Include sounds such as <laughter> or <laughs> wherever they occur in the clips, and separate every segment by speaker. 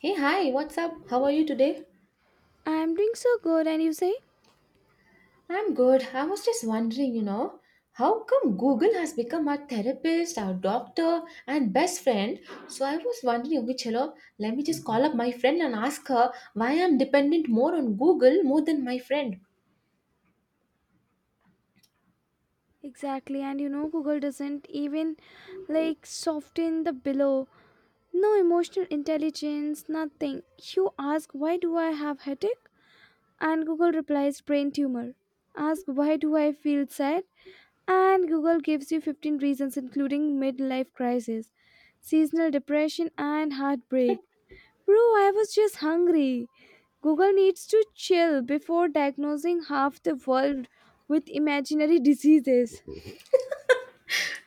Speaker 1: Hey, hi, what's up? How are you today?
Speaker 2: I'm doing so good, and you say?
Speaker 1: I'm good. I was just wondering, how come Google has become our therapist, our doctor, and best friend? So I was wondering, okay, chalo, let me just call up my friend and ask her why I'm dependent more on Google more than my friend.
Speaker 2: Exactly, and you know, Google doesn't even like soften the below. No emotional intelligence, nothing. You ask, why do I have headache? And Google replies, brain tumor. Ask, why do I feel sad? And Google gives you 15 reasons, including midlife crisis, seasonal depression, and heartbreak. Bro, I was just hungry. Google needs to chill before diagnosing half the world with imaginary diseases.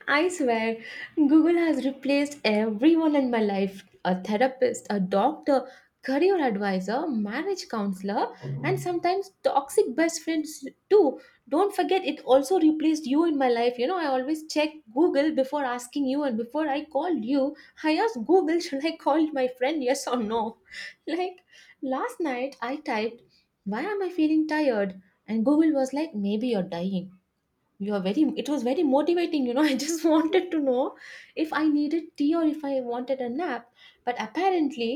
Speaker 1: I swear, Google has replaced everyone in my life, a therapist, a doctor, career advisor, marriage counselor, and sometimes toxic best friends too. Don't forget, it also replaced you in my life. You know, I always check Google before asking you, and before I called you, I asked Google, <laughs> should I call my friend, yes or no? <laughs> Like last night, I typed, why am I feeling tired? And Google was like, maybe you're dying. You are very It was very motivating, <laughs> I just wanted to know if I needed tea or if I wanted a nap. But apparently,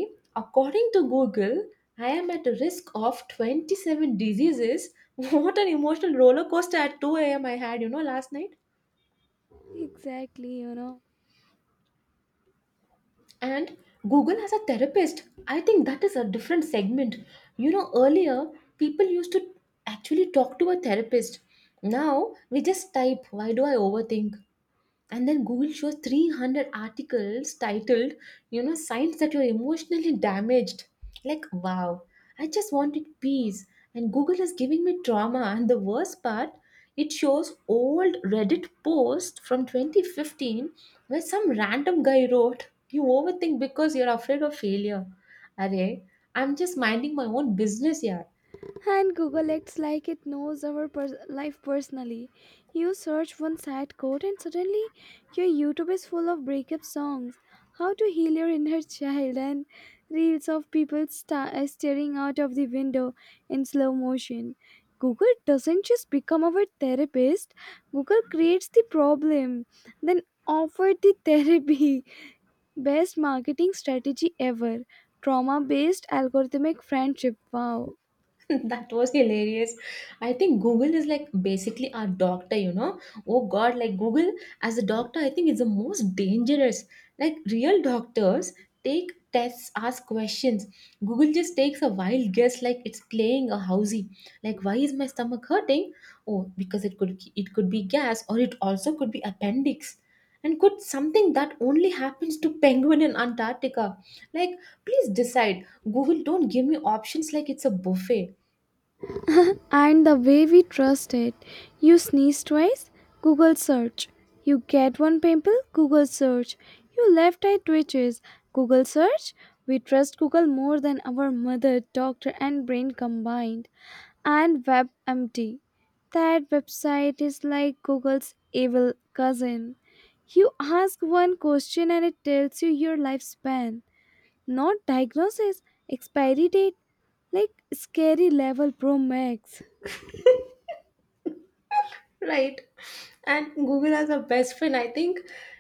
Speaker 1: according to Google, I am at a risk of 27 diseases. <laughs> What an emotional roller coaster at 2 a.m. I had, last night.
Speaker 2: Exactly, you know.
Speaker 1: And Google has a therapist, I think that is a different segment. Earlier people used to actually talk to a therapist. Now we just type, why do I overthink? And then Google shows 300 articles titled, signs that you're emotionally damaged. Like, wow, I just wanted peace, and Google is giving me trauma. And the worst part, it shows old Reddit post from 2015 where some random guy wrote, you overthink because you're afraid of failure. Array, I'm just minding my own business, yeah.
Speaker 2: And Google acts like it knows our life personally. You search one sad quote, and suddenly your YouTube is full of breakup songs, how to heal your inner <laughs> child, and reels of people staring out of the window in slow motion. Google doesn't just become our therapist, Google creates the problem, then offers the therapy. <laughs> Best marketing strategy ever. Trauma based algorithmic friendship. Wow.
Speaker 1: <laughs> That was hilarious. I think Google is like basically our doctor. Oh God, like Google as a doctor, I think is the most dangerous. Like real doctors take tests, ask questions. Google just takes a wild guess, like it's playing a housey. Like why is my stomach hurting? Oh, because it could be gas, or it also could be appendix. And could something that only happens to penguin in Antarctica? Like, please decide. Google, don't give me options like it's a buffet.
Speaker 2: And the way we trust it, you sneeze twice, Google search. You get one pimple, Google search. Your left eye twitches, Google search. We trust Google more than our mother, doctor, and brain combined. And WebMD. That website is like Google's evil cousin. You ask one question and it tells you your lifespan, not diagnosis, expiry date, like scary level Pro Max.
Speaker 1: Right. And Google has a best friend. I think,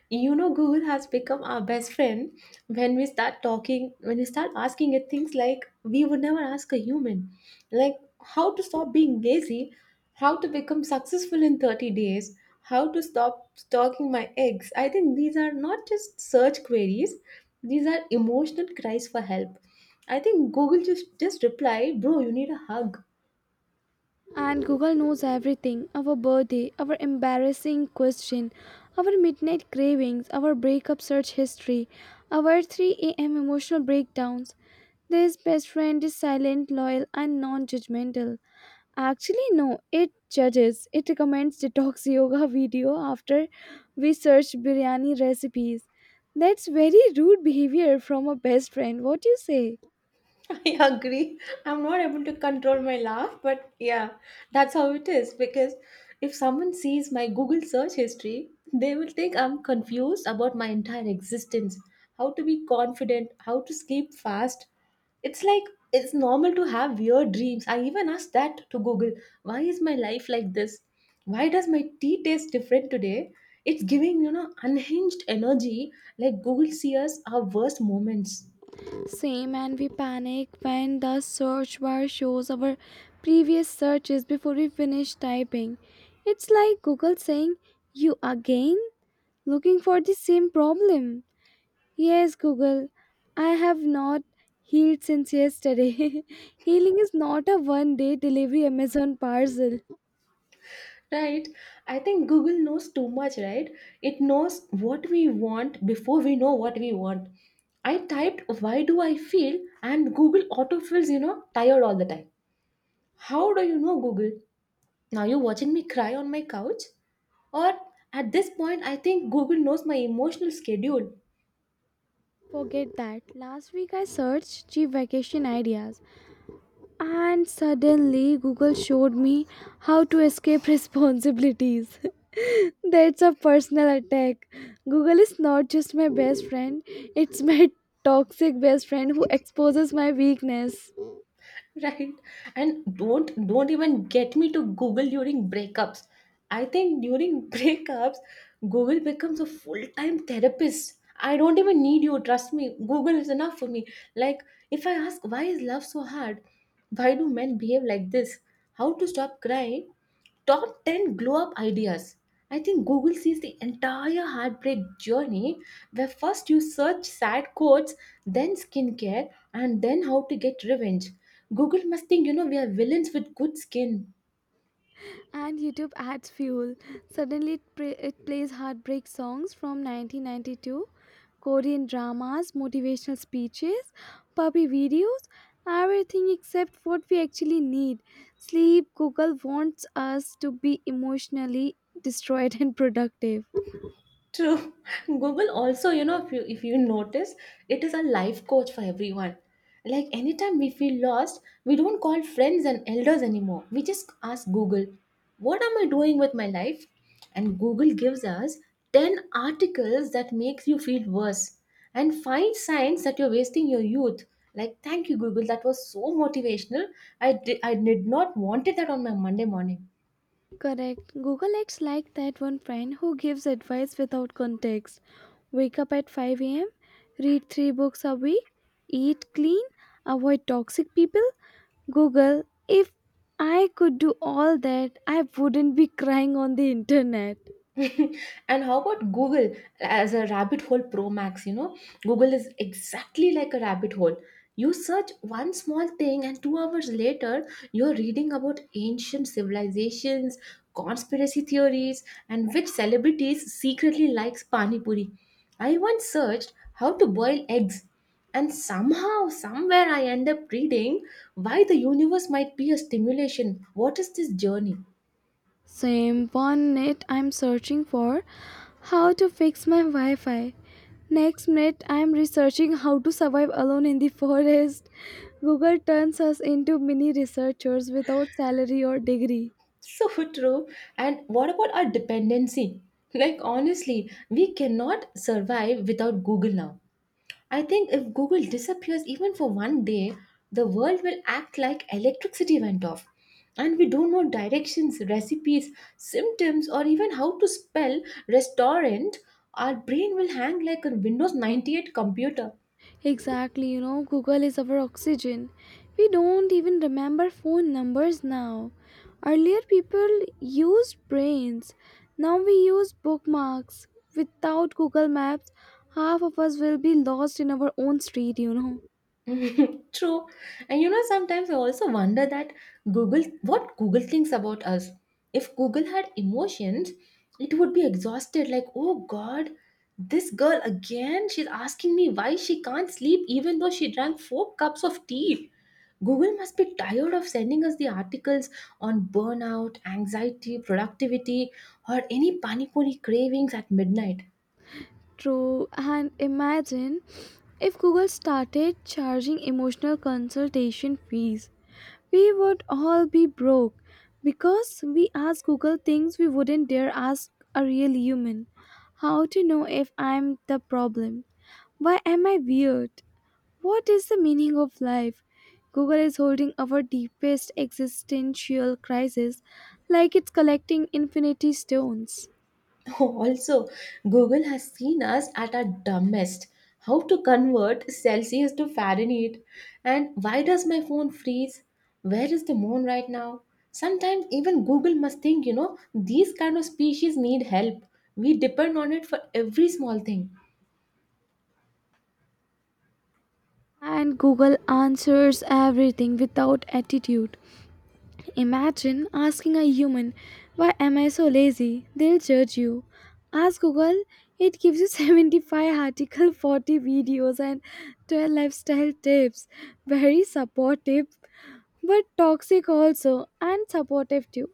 Speaker 1: you know, Google has become our best friend when we start talking, when we start asking it things like we would never ask a human. Like how to stop being lazy, how to become successful in 30 days, how to stop stalking my eggs. I think these are not just search queries, these are emotional cries for help. I think Google just replied, bro, you need a hug.
Speaker 2: And Google knows everything, our birthday, our embarrassing question, our midnight cravings, our breakup search history, our 3 a.m. emotional breakdowns. This best friend is silent, loyal, and non judgmental. Actually, no, it judges. It recommends detox <laughs> yoga video after we search biryani recipes. That's very rude behavior from a best friend. What do you say?
Speaker 1: <laughs> I agree. I'm not able to control my laugh, but yeah, that's how it is. Because if someone sees my Google search history, they will think I'm confused about my entire existence, how to be confident, how to sleep fast. It's like it's normal to have weird dreams. I even asked that to Google, why is my life like this? Why does my tea taste different today? It's giving, you know, unhinged energy like Google sees our worst moments.
Speaker 2: Same, and we panic when the search bar shows our previous searches before we finish typing. It's like Google saying, "You again? Looking for the same problem." Yes, Google, I have not healed since yesterday. <laughs> Healing is not a 1 day delivery Amazon parcel.
Speaker 1: Right. I think Google knows too much, right? It knows what we want before we know what we want. I typed, why do I feel? And Google autofills, tired all the time. How do you know, Google? Now you're watching me cry on my couch? Or at this point, I think Google knows my emotional schedule.
Speaker 2: Forget that. Last week I searched cheap vacation ideas, and suddenly Google showed me how to escape responsibilities. <laughs> That's a personal attack. Google is not just my best friend, it's my toxic best friend who exposes my weakness.
Speaker 1: <laughs> right. And don't even get me to Google during breakups. I think during <laughs> breakups Google becomes a full-time therapist. I don't even need you, trust me, Google is enough for me. Like if I ask, why is love so hard, why do men behave like this, how to stop crying, top 10 glow up ideas. I think Google sees the entire heartbreak journey where first you search sad quotes, then skincare, and then how to get revenge. Google must think, you know, we are villains with good skin.
Speaker 2: And YouTube adds fuel. Suddenly, it plays heartbreak songs from 1992, Korean dramas, motivational speeches, puppy videos, everything except what we actually need. Sleep. Google wants us to be emotionally destroyed and productive.
Speaker 1: True. <laughs> Google also, you know, if you notice, it is a life coach for everyone. Like anytime we feel lost, we don't call friends and elders anymore. We just ask Google, what am I doing with my life? And Google gives us 10 articles that makes you feel worse and find signs that you're wasting your youth. Like, thank you, Google. That was so motivational. I did not wanted that on my Monday morning.
Speaker 2: Correct. Google acts like that one friend who gives advice without context. Wake up at 5 a.m., read three books a week, eat clean, avoid toxic people. Google, if I could do all that, I wouldn't be crying on the internet.
Speaker 1: <laughs> And how about Google as a rabbit hole pro max? You know, Google is exactly like a rabbit hole. You search one small thing, and 2 hours later, you're reading about ancient civilizations, conspiracy theories, and which celebrities secretly likes pani puri. I once searched how to boil eggs, and somehow, somewhere, I end up reading why the universe might be a stimulation. What is this journey?
Speaker 2: Same, 1 minute I'm searching for how to fix my Wi Fi. Next minute I'm researching how to survive alone in the <laughs> forest. Google turns us into mini researchers without salary or degree.
Speaker 1: So true. And what about our dependency? Like, honestly, we cannot survive without Google now. I think if Google disappears even for one day, the world will act like electricity went off. And we don't know directions, recipes, symptoms, or even how to spell restaurant. Our brain will hang like a Windows 98 computer.
Speaker 2: Exactly, you know, Google is our oxygen. We don't even remember phone numbers now. Earlier, people used brains. Now we use bookmarks. Without Google Maps, half of us will be lost in our own street, you know.
Speaker 1: <laughs> True. And you know, sometimes I also wonder that Google, what Google thinks about us. If Google had emotions, it would be exhausted like, oh God, this girl again, she's asking me why she can't sleep even though she drank four cups of tea. Google must be tired of sending us the articles on burnout, anxiety, productivity, or any panipuri cravings at midnight.
Speaker 2: True, and imagine if Google started charging emotional consultation fees. We would all be broke because we ask Google things we wouldn't dare ask a real human. How to know if I'm the problem? Why am I weird? What is the meaning of life? Google is holding our deepest existential crisis like it's collecting infinity stones.
Speaker 1: Also, Google has seen us at our dumbest. How to convert Celsius to Fahrenheit? And why does my phone freeze? Where is the moon right now? Sometimes even Google must think, you know, these kind of species need help. We depend on it for every small thing.
Speaker 2: And Google answers everything without attitude. Imagine asking a human, why am I so lazy? They'll judge you. Ask Google, it gives you <laughs> 75 articles, 40 videos, and 12 lifestyle tips. Very supportive, but toxic also, and supportive too.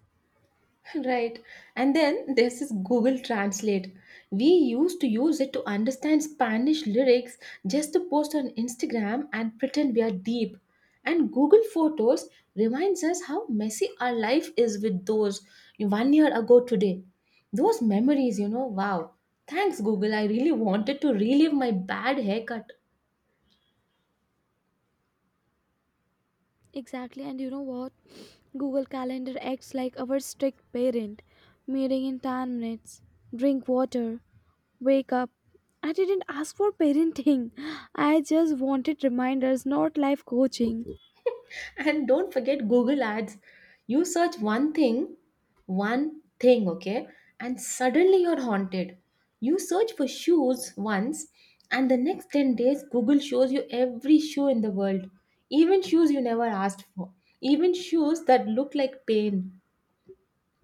Speaker 1: Right. And then there's this Google Translate. We used to use it to understand Spanish lyrics just to post on Instagram and pretend we are deep. And Google Photos reminds us how messy our life is with those one year ago today. Those memories, you know, wow. Thanks, Google. I really wanted to relive my bad haircut.
Speaker 2: Exactly, and you know what? Google Calendar acts like our strict parent. Meeting in 10 minutes. Drink water. Wake up. I didn't ask for parenting. <laughs> I just wanted reminders, not life coaching.
Speaker 1: And don't forget Google Ads. You search one thing, okay, and suddenly you're haunted. You search for shoes once, and the next 10 days Google shows you every shoe in the world, even shoes you never asked for, even shoes that look like pain.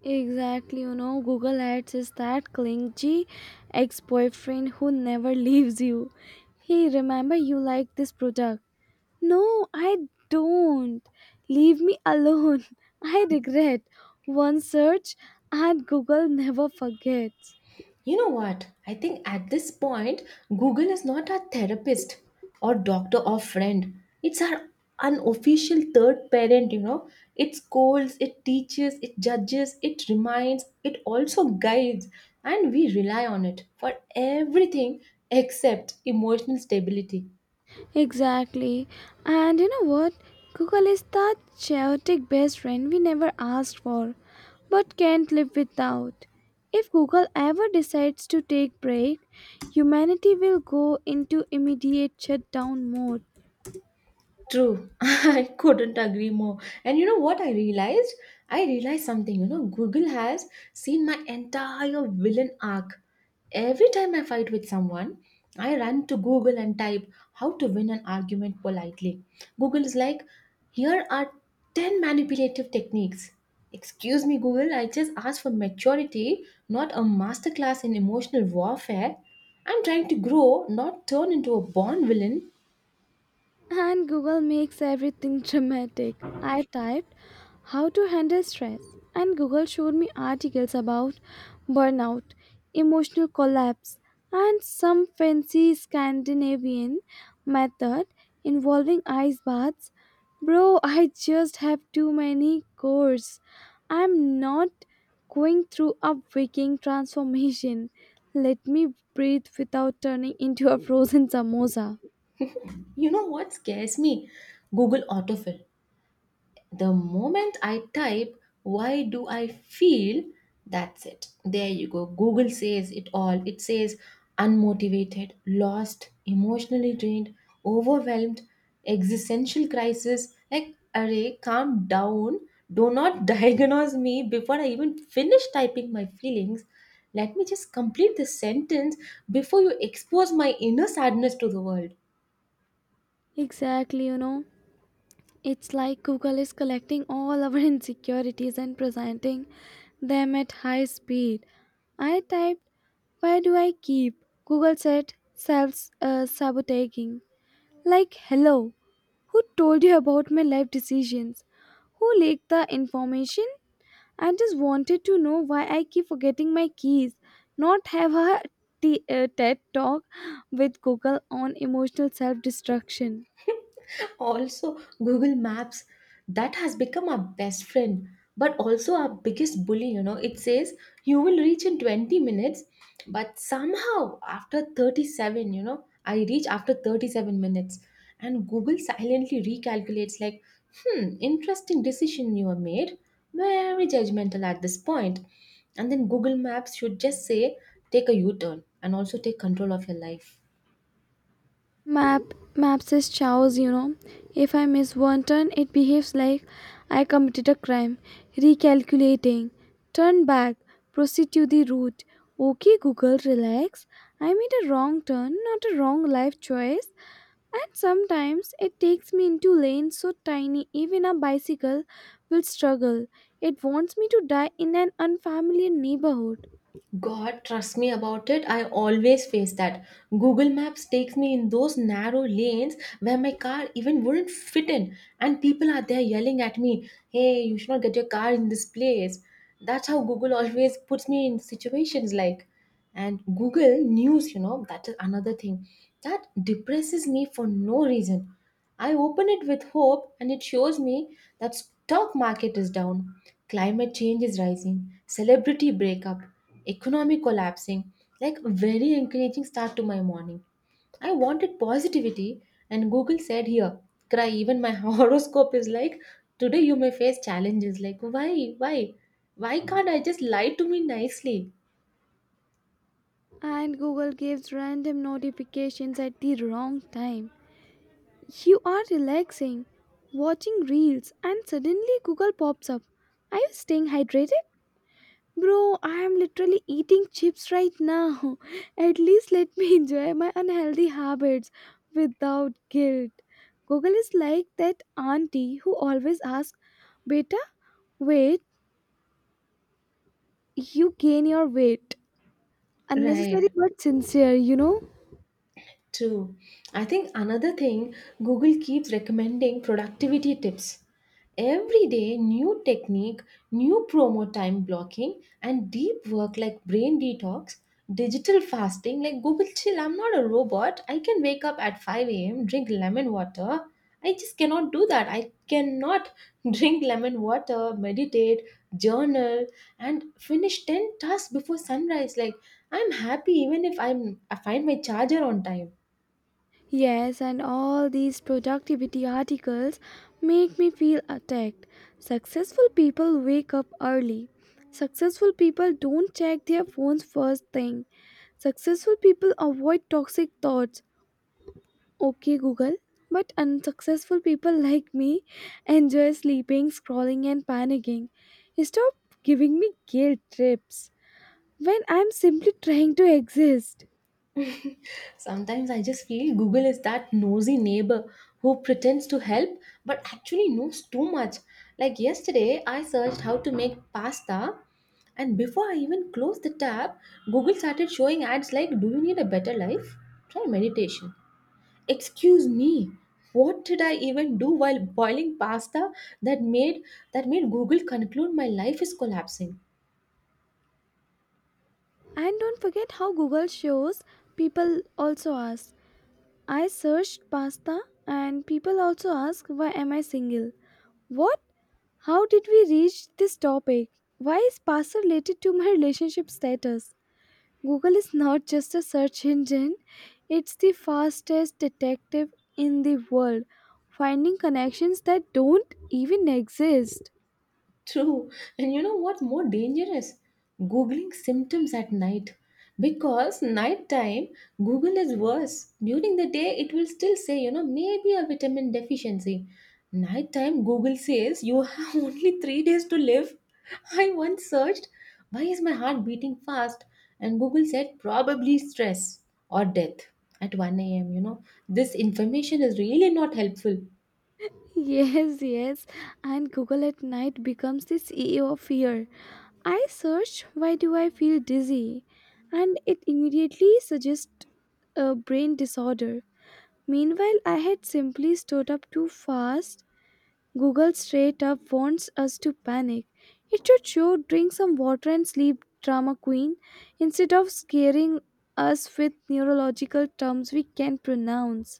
Speaker 2: Exactly, you know, Google Ads is that clingy ex boyfriend who never leaves you. Hey, remember you like this product. No, I don't. Leave me alone. <laughs> I regret. One search and Google never forgets.
Speaker 1: You know what? I think at this point, Google is not our therapist or doctor or friend. It's our unofficial third parent, you know. It scolds, it teaches, it judges, it reminds, it also guides. And we rely on it for everything except emotional stability.
Speaker 2: Exactly. And you know what? Google is that chaotic best friend we never asked for, but can't live without. If Google ever decides to take break, humanity will go into immediate shutdown mode.
Speaker 1: True. <laughs> I couldn't agree more. And you know what I realized? I realized something. You know, Google has seen my entire villain arc. Every time I fight with someone, I run to Google and type, how to win an argument politely. Google is like, here are 10 manipulative techniques. Excuse me, Google, I just asked for maturity, not a masterclass in emotional warfare. I'm trying to grow, not turn into a born villain.
Speaker 2: And Google makes everything dramatic. I typed how to handle stress, and Google showed me articles about burnout, emotional collapse, and some fancy Scandinavian method involving ice baths. Bro, I just have too many cores. I'm not going through a waking transformation. Let me breathe without turning into a frozen samosa.
Speaker 1: You know what scares me? Google autofill. The moment I type, why do I feel? That's it. There you go. Google says it all. It says unmotivated, lost, emotionally drained, overwhelmed, existential crisis. Like, array, calm down. Do not <laughs> diagnose me before I even finish typing my feelings. Let me just complete this sentence before you expose my inner sadness to the world.
Speaker 2: Exactly, you know. It's like Google is collecting all our <laughs> insecurities and presenting them at high speed. I typed, why do I keep? Google said, Self sabotaging. Like, hello, who told you about my life decisions? Who leaked the information? I just wanted to know why I keep forgetting my keys. Not have a TED talk with Google on emotional self destruction.
Speaker 1: <laughs> Also, Google Maps, that has become our best friend but also our biggest bully. You know, it says you will reach in 20 minutes, but somehow after 37, you know, I reach after 37 minutes. And Google silently recalculates like, hmm, interesting decision you have made. Very judgmental at this point. And then Google Maps should just say, take a u-turn and also take control of your life.
Speaker 2: Map maps is chaos, you know. If I miss one turn, it behaves like I committed a crime. Recalculating. Turn back. Proceed to the route. Okay, Google, relax. I made a wrong turn, not a wrong life choice. And sometimes it takes me into lanes so tiny even a bicycle will struggle. It wants me to die in an unfamiliar neighborhood.
Speaker 1: God, trust me about it. I always face that. Google Maps takes me in those narrow lanes where my car even wouldn't fit in, and people are there yelling at me, hey, you should not get your car in this place. That's how Google always puts me in situations like. And Google News, you know, that is another thing that depresses me for no reason. I open it with hope and it shows me that stock market is down, climate change is rising, celebrity breakup, economy collapsing, like very encouraging start to my morning. I wanted positivity, and Google said, here, cry. Even my <laughs> horoscope is like, today you may face challenges. Like, why? Why? Why can't I just lie to me nicely?
Speaker 2: And Google gives random notifications at the wrong time. You are relaxing, watching reels, and suddenly Google pops up. Are you staying hydrated? Bro, I am literally eating chips right now. <laughs> At least let me enjoy my unhealthy habits without guilt. Google is like that auntie who always asks, beta, wait, you gain your weight. Unnecessary
Speaker 1: Right.
Speaker 2: but sincere, you know?
Speaker 1: True. I think another thing, Google keeps recommending productivity tips. Every day, new technique, new promo time blocking, and deep work like brain detox, digital fasting like Google chill. I'm not a robot. I can wake up at 5 a.m., drink lemon water. I just cannot do that. I cannot <laughs> drink lemon water, meditate, journal, and finish 10 tasks before sunrise. Like, I'm happy even if I find my charger on time.
Speaker 2: Yes, and all these productivity articles make me feel attacked. Successful people wake up early. Successful people don't check their phones first thing. Successful people avoid toxic thoughts. Okay, Google. But unsuccessful people like me enjoy sleeping, scrolling, and panicking. Stop giving me guilt trips when I'm simply trying to exist.
Speaker 1: <laughs> Sometimes I just feel Google is that nosy neighbor who pretends to help but actually knows too much. Like yesterday, I searched how to make pasta, and before I even closed the tab, Google started showing ads like, "Do you need a better life? Try meditation." Excuse me. What did I even do while boiling pasta that made that made Google conclude my life is collapsing?
Speaker 2: And don't forget how Google shows people also ask. I searched pasta, and people also ask, why am I single? What? How did we reach this topic? Why is pasta related to my <laughs> relationship status? Google is not just a search engine, it's the fastest detective in the world, finding connections that don't even exist.
Speaker 1: True. And you know what more dangerous? Googling symptoms at night. Because nighttime, Google is worse. During the day, it will still say, you know, maybe a vitamin deficiency. Nighttime, Google says you have <laughs> only 3 days to live. I once searched, why is my heart beating fast? And Google said, probably stress or death at 1 a.m. You know, this information is really not helpful.
Speaker 2: Yes, yes. And Google at night becomes the CEO of fear. I search why do I feel dizzy and it immediately suggests a brain disorder. Meanwhile, I had simply stood up too fast. Google straight up wants us to panic. It should show drink some water and sleep, drama queen, instead of scaring us with neurological terms we can't pronounce.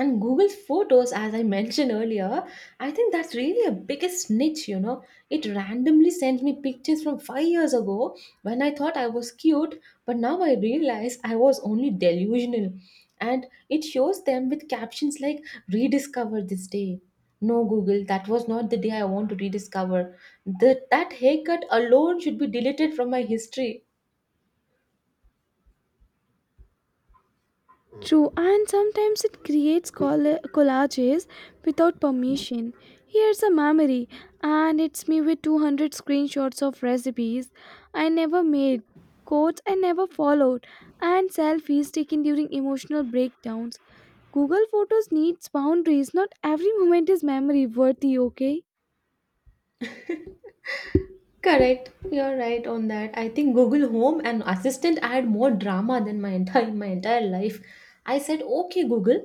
Speaker 1: And Google Photos, as I mentioned earlier, I think that's really a biggest niche, you know. It randomly sends me pictures from 5 years ago when I thought I was cute, but now I realize I was only delusional. And it shows them with captions like, "Rediscover this day." No, Google, that was not the day I want to rediscover. That haircut alone should be deleted from my history.
Speaker 2: True, and sometimes it creates collages without permission. Here's a memory, and it's me with 200 screenshots of recipes I never made, quotes I never followed, and selfies taken during emotional breakdowns. Google Photos needs boundaries. Not every moment is memory worthy, okay?
Speaker 1: Correct. You're right on that. I think Google Home and Assistant add more drama than my entire life. I said, "Okay, Google,"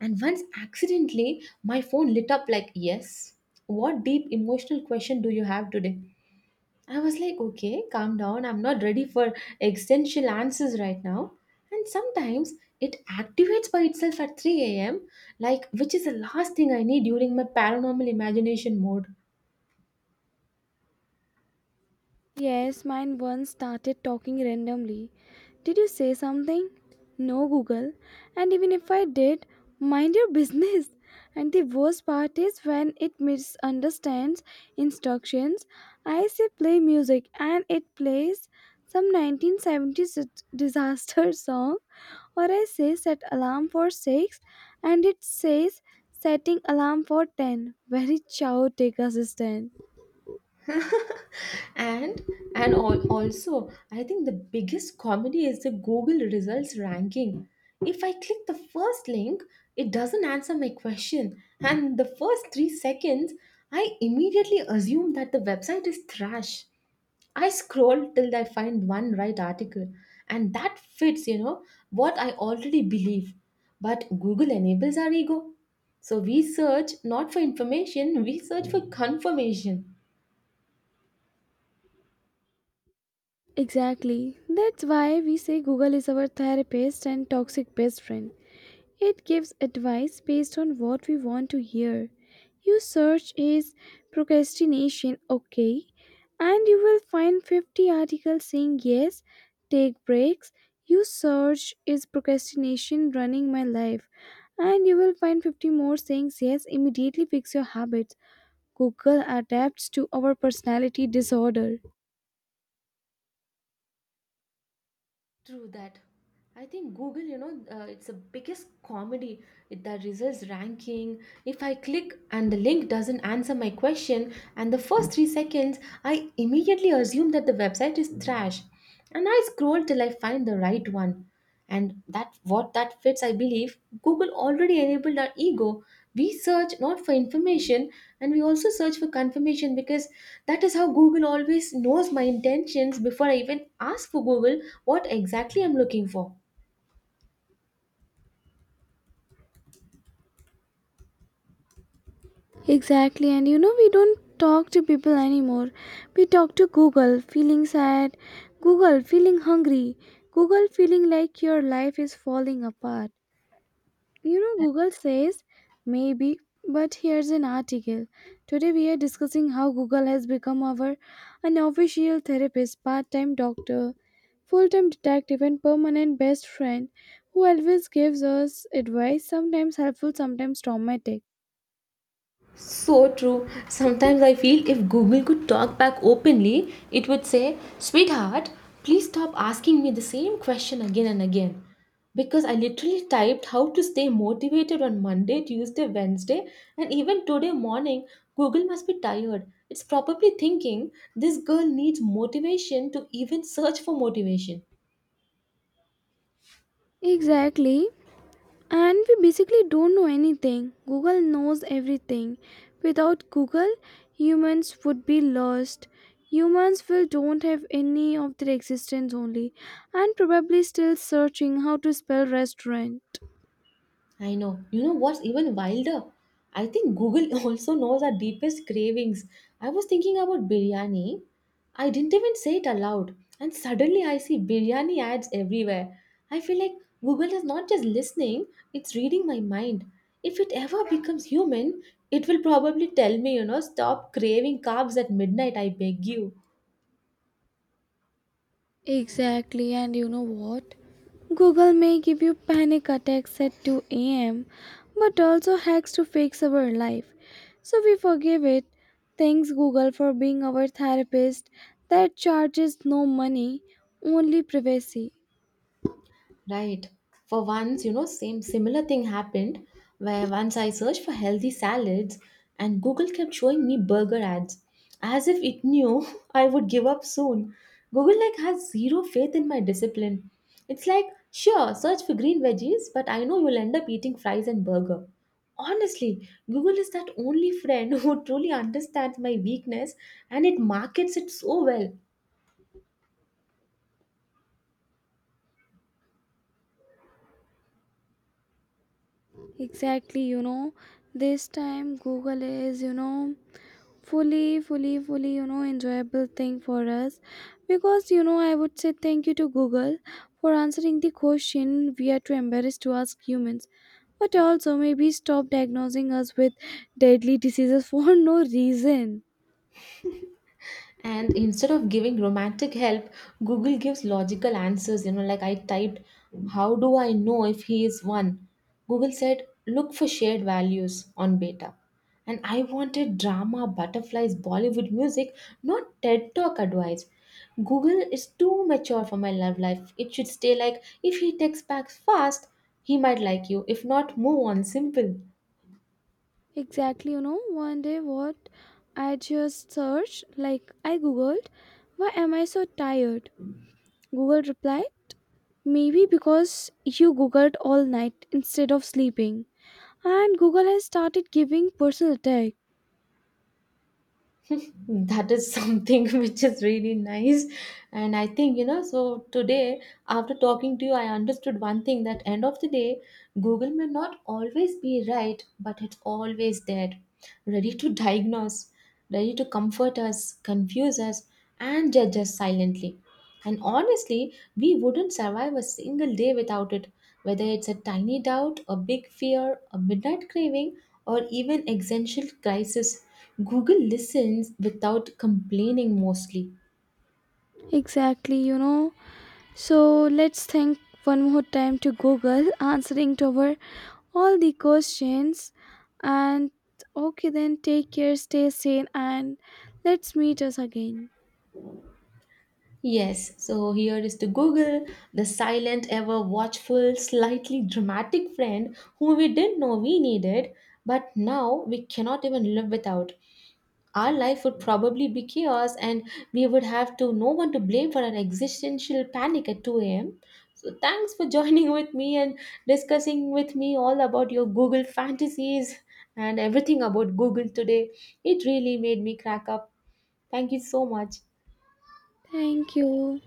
Speaker 1: and once accidentally, my phone lit up like, "Yes, what deep emotional question do you have today?" I was like, "Okay, calm down. I'm not ready for existential answers right now." And sometimes it activates by itself at 3 a.m., like, which is the last thing I need during my paranormal imagination mode.
Speaker 2: Yes, mine once started talking randomly. Did you say something? No, Google. And even if I did, mind your business. And the worst part is when it misunderstands instructions. I say play music and it plays some 1970s disaster <laughs> song, or I say set alarm for 6 and it says setting alarm for 10. Very chaotic assistant.
Speaker 1: <laughs> and and also I think the biggest comedy is the Google results ranking. If I click the first link, it doesn't answer my question, and the first 3 seconds I immediately assume that the website is trash. I scroll till I find one right article, and that fits, you know, what I already believe. But Google enables our ego, so we search not for information, we search for confirmation.
Speaker 2: Exactly. That's why we say Google is our therapist and toxic best friend. It gives advice based on what we want to hear. You search is procrastination okay, and you will find 50 articles saying yes, take breaks. You search is procrastination running my life, and you will find 50 more saying yes, immediately fix your habits. Google adapts to our personality disorder.
Speaker 1: True that. I think Google, you know, it's the biggest comedy. It, the results ranking. If I click and the link doesn't answer my question, and the first 3 seconds, I immediately assume that the website is trash. And I scroll till I find the right one, and that what that fits I believe. Google already enabled our ego. We search not for information, and we also search for confirmation, because that is how Google always knows my intentions before I even ask for Google what exactly I'm looking for.
Speaker 2: Exactly, and you know, we don't talk to people anymore. We talk to Google. Feeling sad, Google. Feeling hungry, Google. Feeling like your life is falling apart. You know, Google says, maybe, but here's an article. Today, we are discussing how Google has become our unofficial therapist, part time doctor, full time detective, and permanent best friend who always gives us advice, sometimes helpful, sometimes traumatic.
Speaker 1: So true. Sometimes I feel if Google could talk back openly, it would say, "Sweetheart, please stop asking me the same question again and again. Because I literally typed how to stay motivated on Monday, Tuesday, Wednesday, and even today morning." Google must be tired. It's probably thinking this girl needs motivation to even search for motivation.
Speaker 2: Exactly. And we basically don't know anything. Google knows everything. Without Google, humans would be lost. Humans will don't have any of their existence only, and probably still searching how to spell restaurant.
Speaker 1: I know. You know what's even wilder? I think Google <laughs> also knows our deepest cravings. I was thinking about biryani. I didn't even say it aloud. And suddenly I see biryani ads everywhere. I feel like Google is not just listening, it's reading my mind. If it ever becomes human, it will probably tell me, you know, stop craving carbs at midnight, I beg you.
Speaker 2: Exactly, and you know what? Google may give you panic attacks at 2 a.m., but also hacks to fix our life. So we forgive it. Thanks, Google, for being our therapist that charges no money, only privacy.
Speaker 1: Right. For once, you know, same similar thing happened where once I searched for healthy salads and Google kept showing me burger ads as if it knew <laughs> I would give up soon. Google like has zero faith in my discipline. It's like, sure, search for green veggies, but I know you'll end up eating fries and burger. Honestly, Google is that only friend <laughs> who truly understands my weakness, and it markets it so well.
Speaker 2: Exactly, you know, this time Google is, you know, fully enjoyable thing for us, because you know I would say thank you to Google for answering the question we are too embarrassed to ask humans, but also maybe stop diagnosing us with deadly diseases for <laughs> no reason.
Speaker 1: And instead of giving romantic help, Google gives logical answers, you know. Like I typed, how do I know if he is one? Google said, look for shared values on beta. And I wanted drama, butterflies, Bollywood music, not TED Talk advice. Google is too mature for my love life. It should stay like, if he texts back fast, he might like you. If not, move on. Simple.
Speaker 2: Exactly, you know, 1 day what I just searched, like I googled, why am I so tired? Google replied, maybe because you Googled all night instead of sleeping. And Google has started giving personal attack.
Speaker 1: That is something <laughs> which is really nice. And I think, you know, so today, after talking to you, I understood one thing, that end of the day, Google may not always be right, but it's always there, ready to <laughs> diagnose, ready to comfort us, confuse us, and judge us silently. And honestly, we wouldn't survive a single day without it. Whether it's a tiny doubt, a big fear, a midnight craving, or even existential crisis, Google listens without complaining, mostly.
Speaker 2: Exactly, you know. So let's thank one more time to Google <laughs> answering to our all the questions. And okay, then take care, stay sane, and let's meet us again.
Speaker 1: Yes, so here is the Google, the silent, ever watchful, slightly dramatic friend who we didn't know we needed, but now we cannot even live without. Our life would probably be chaos, and we would have to no one to blame for an existential panic at 2 a.m. So thanks for <laughs> joining with me and discussing with me all about your Google fantasies and everything about Google today. It really made me crack up. Thank you so much.
Speaker 2: Thank you.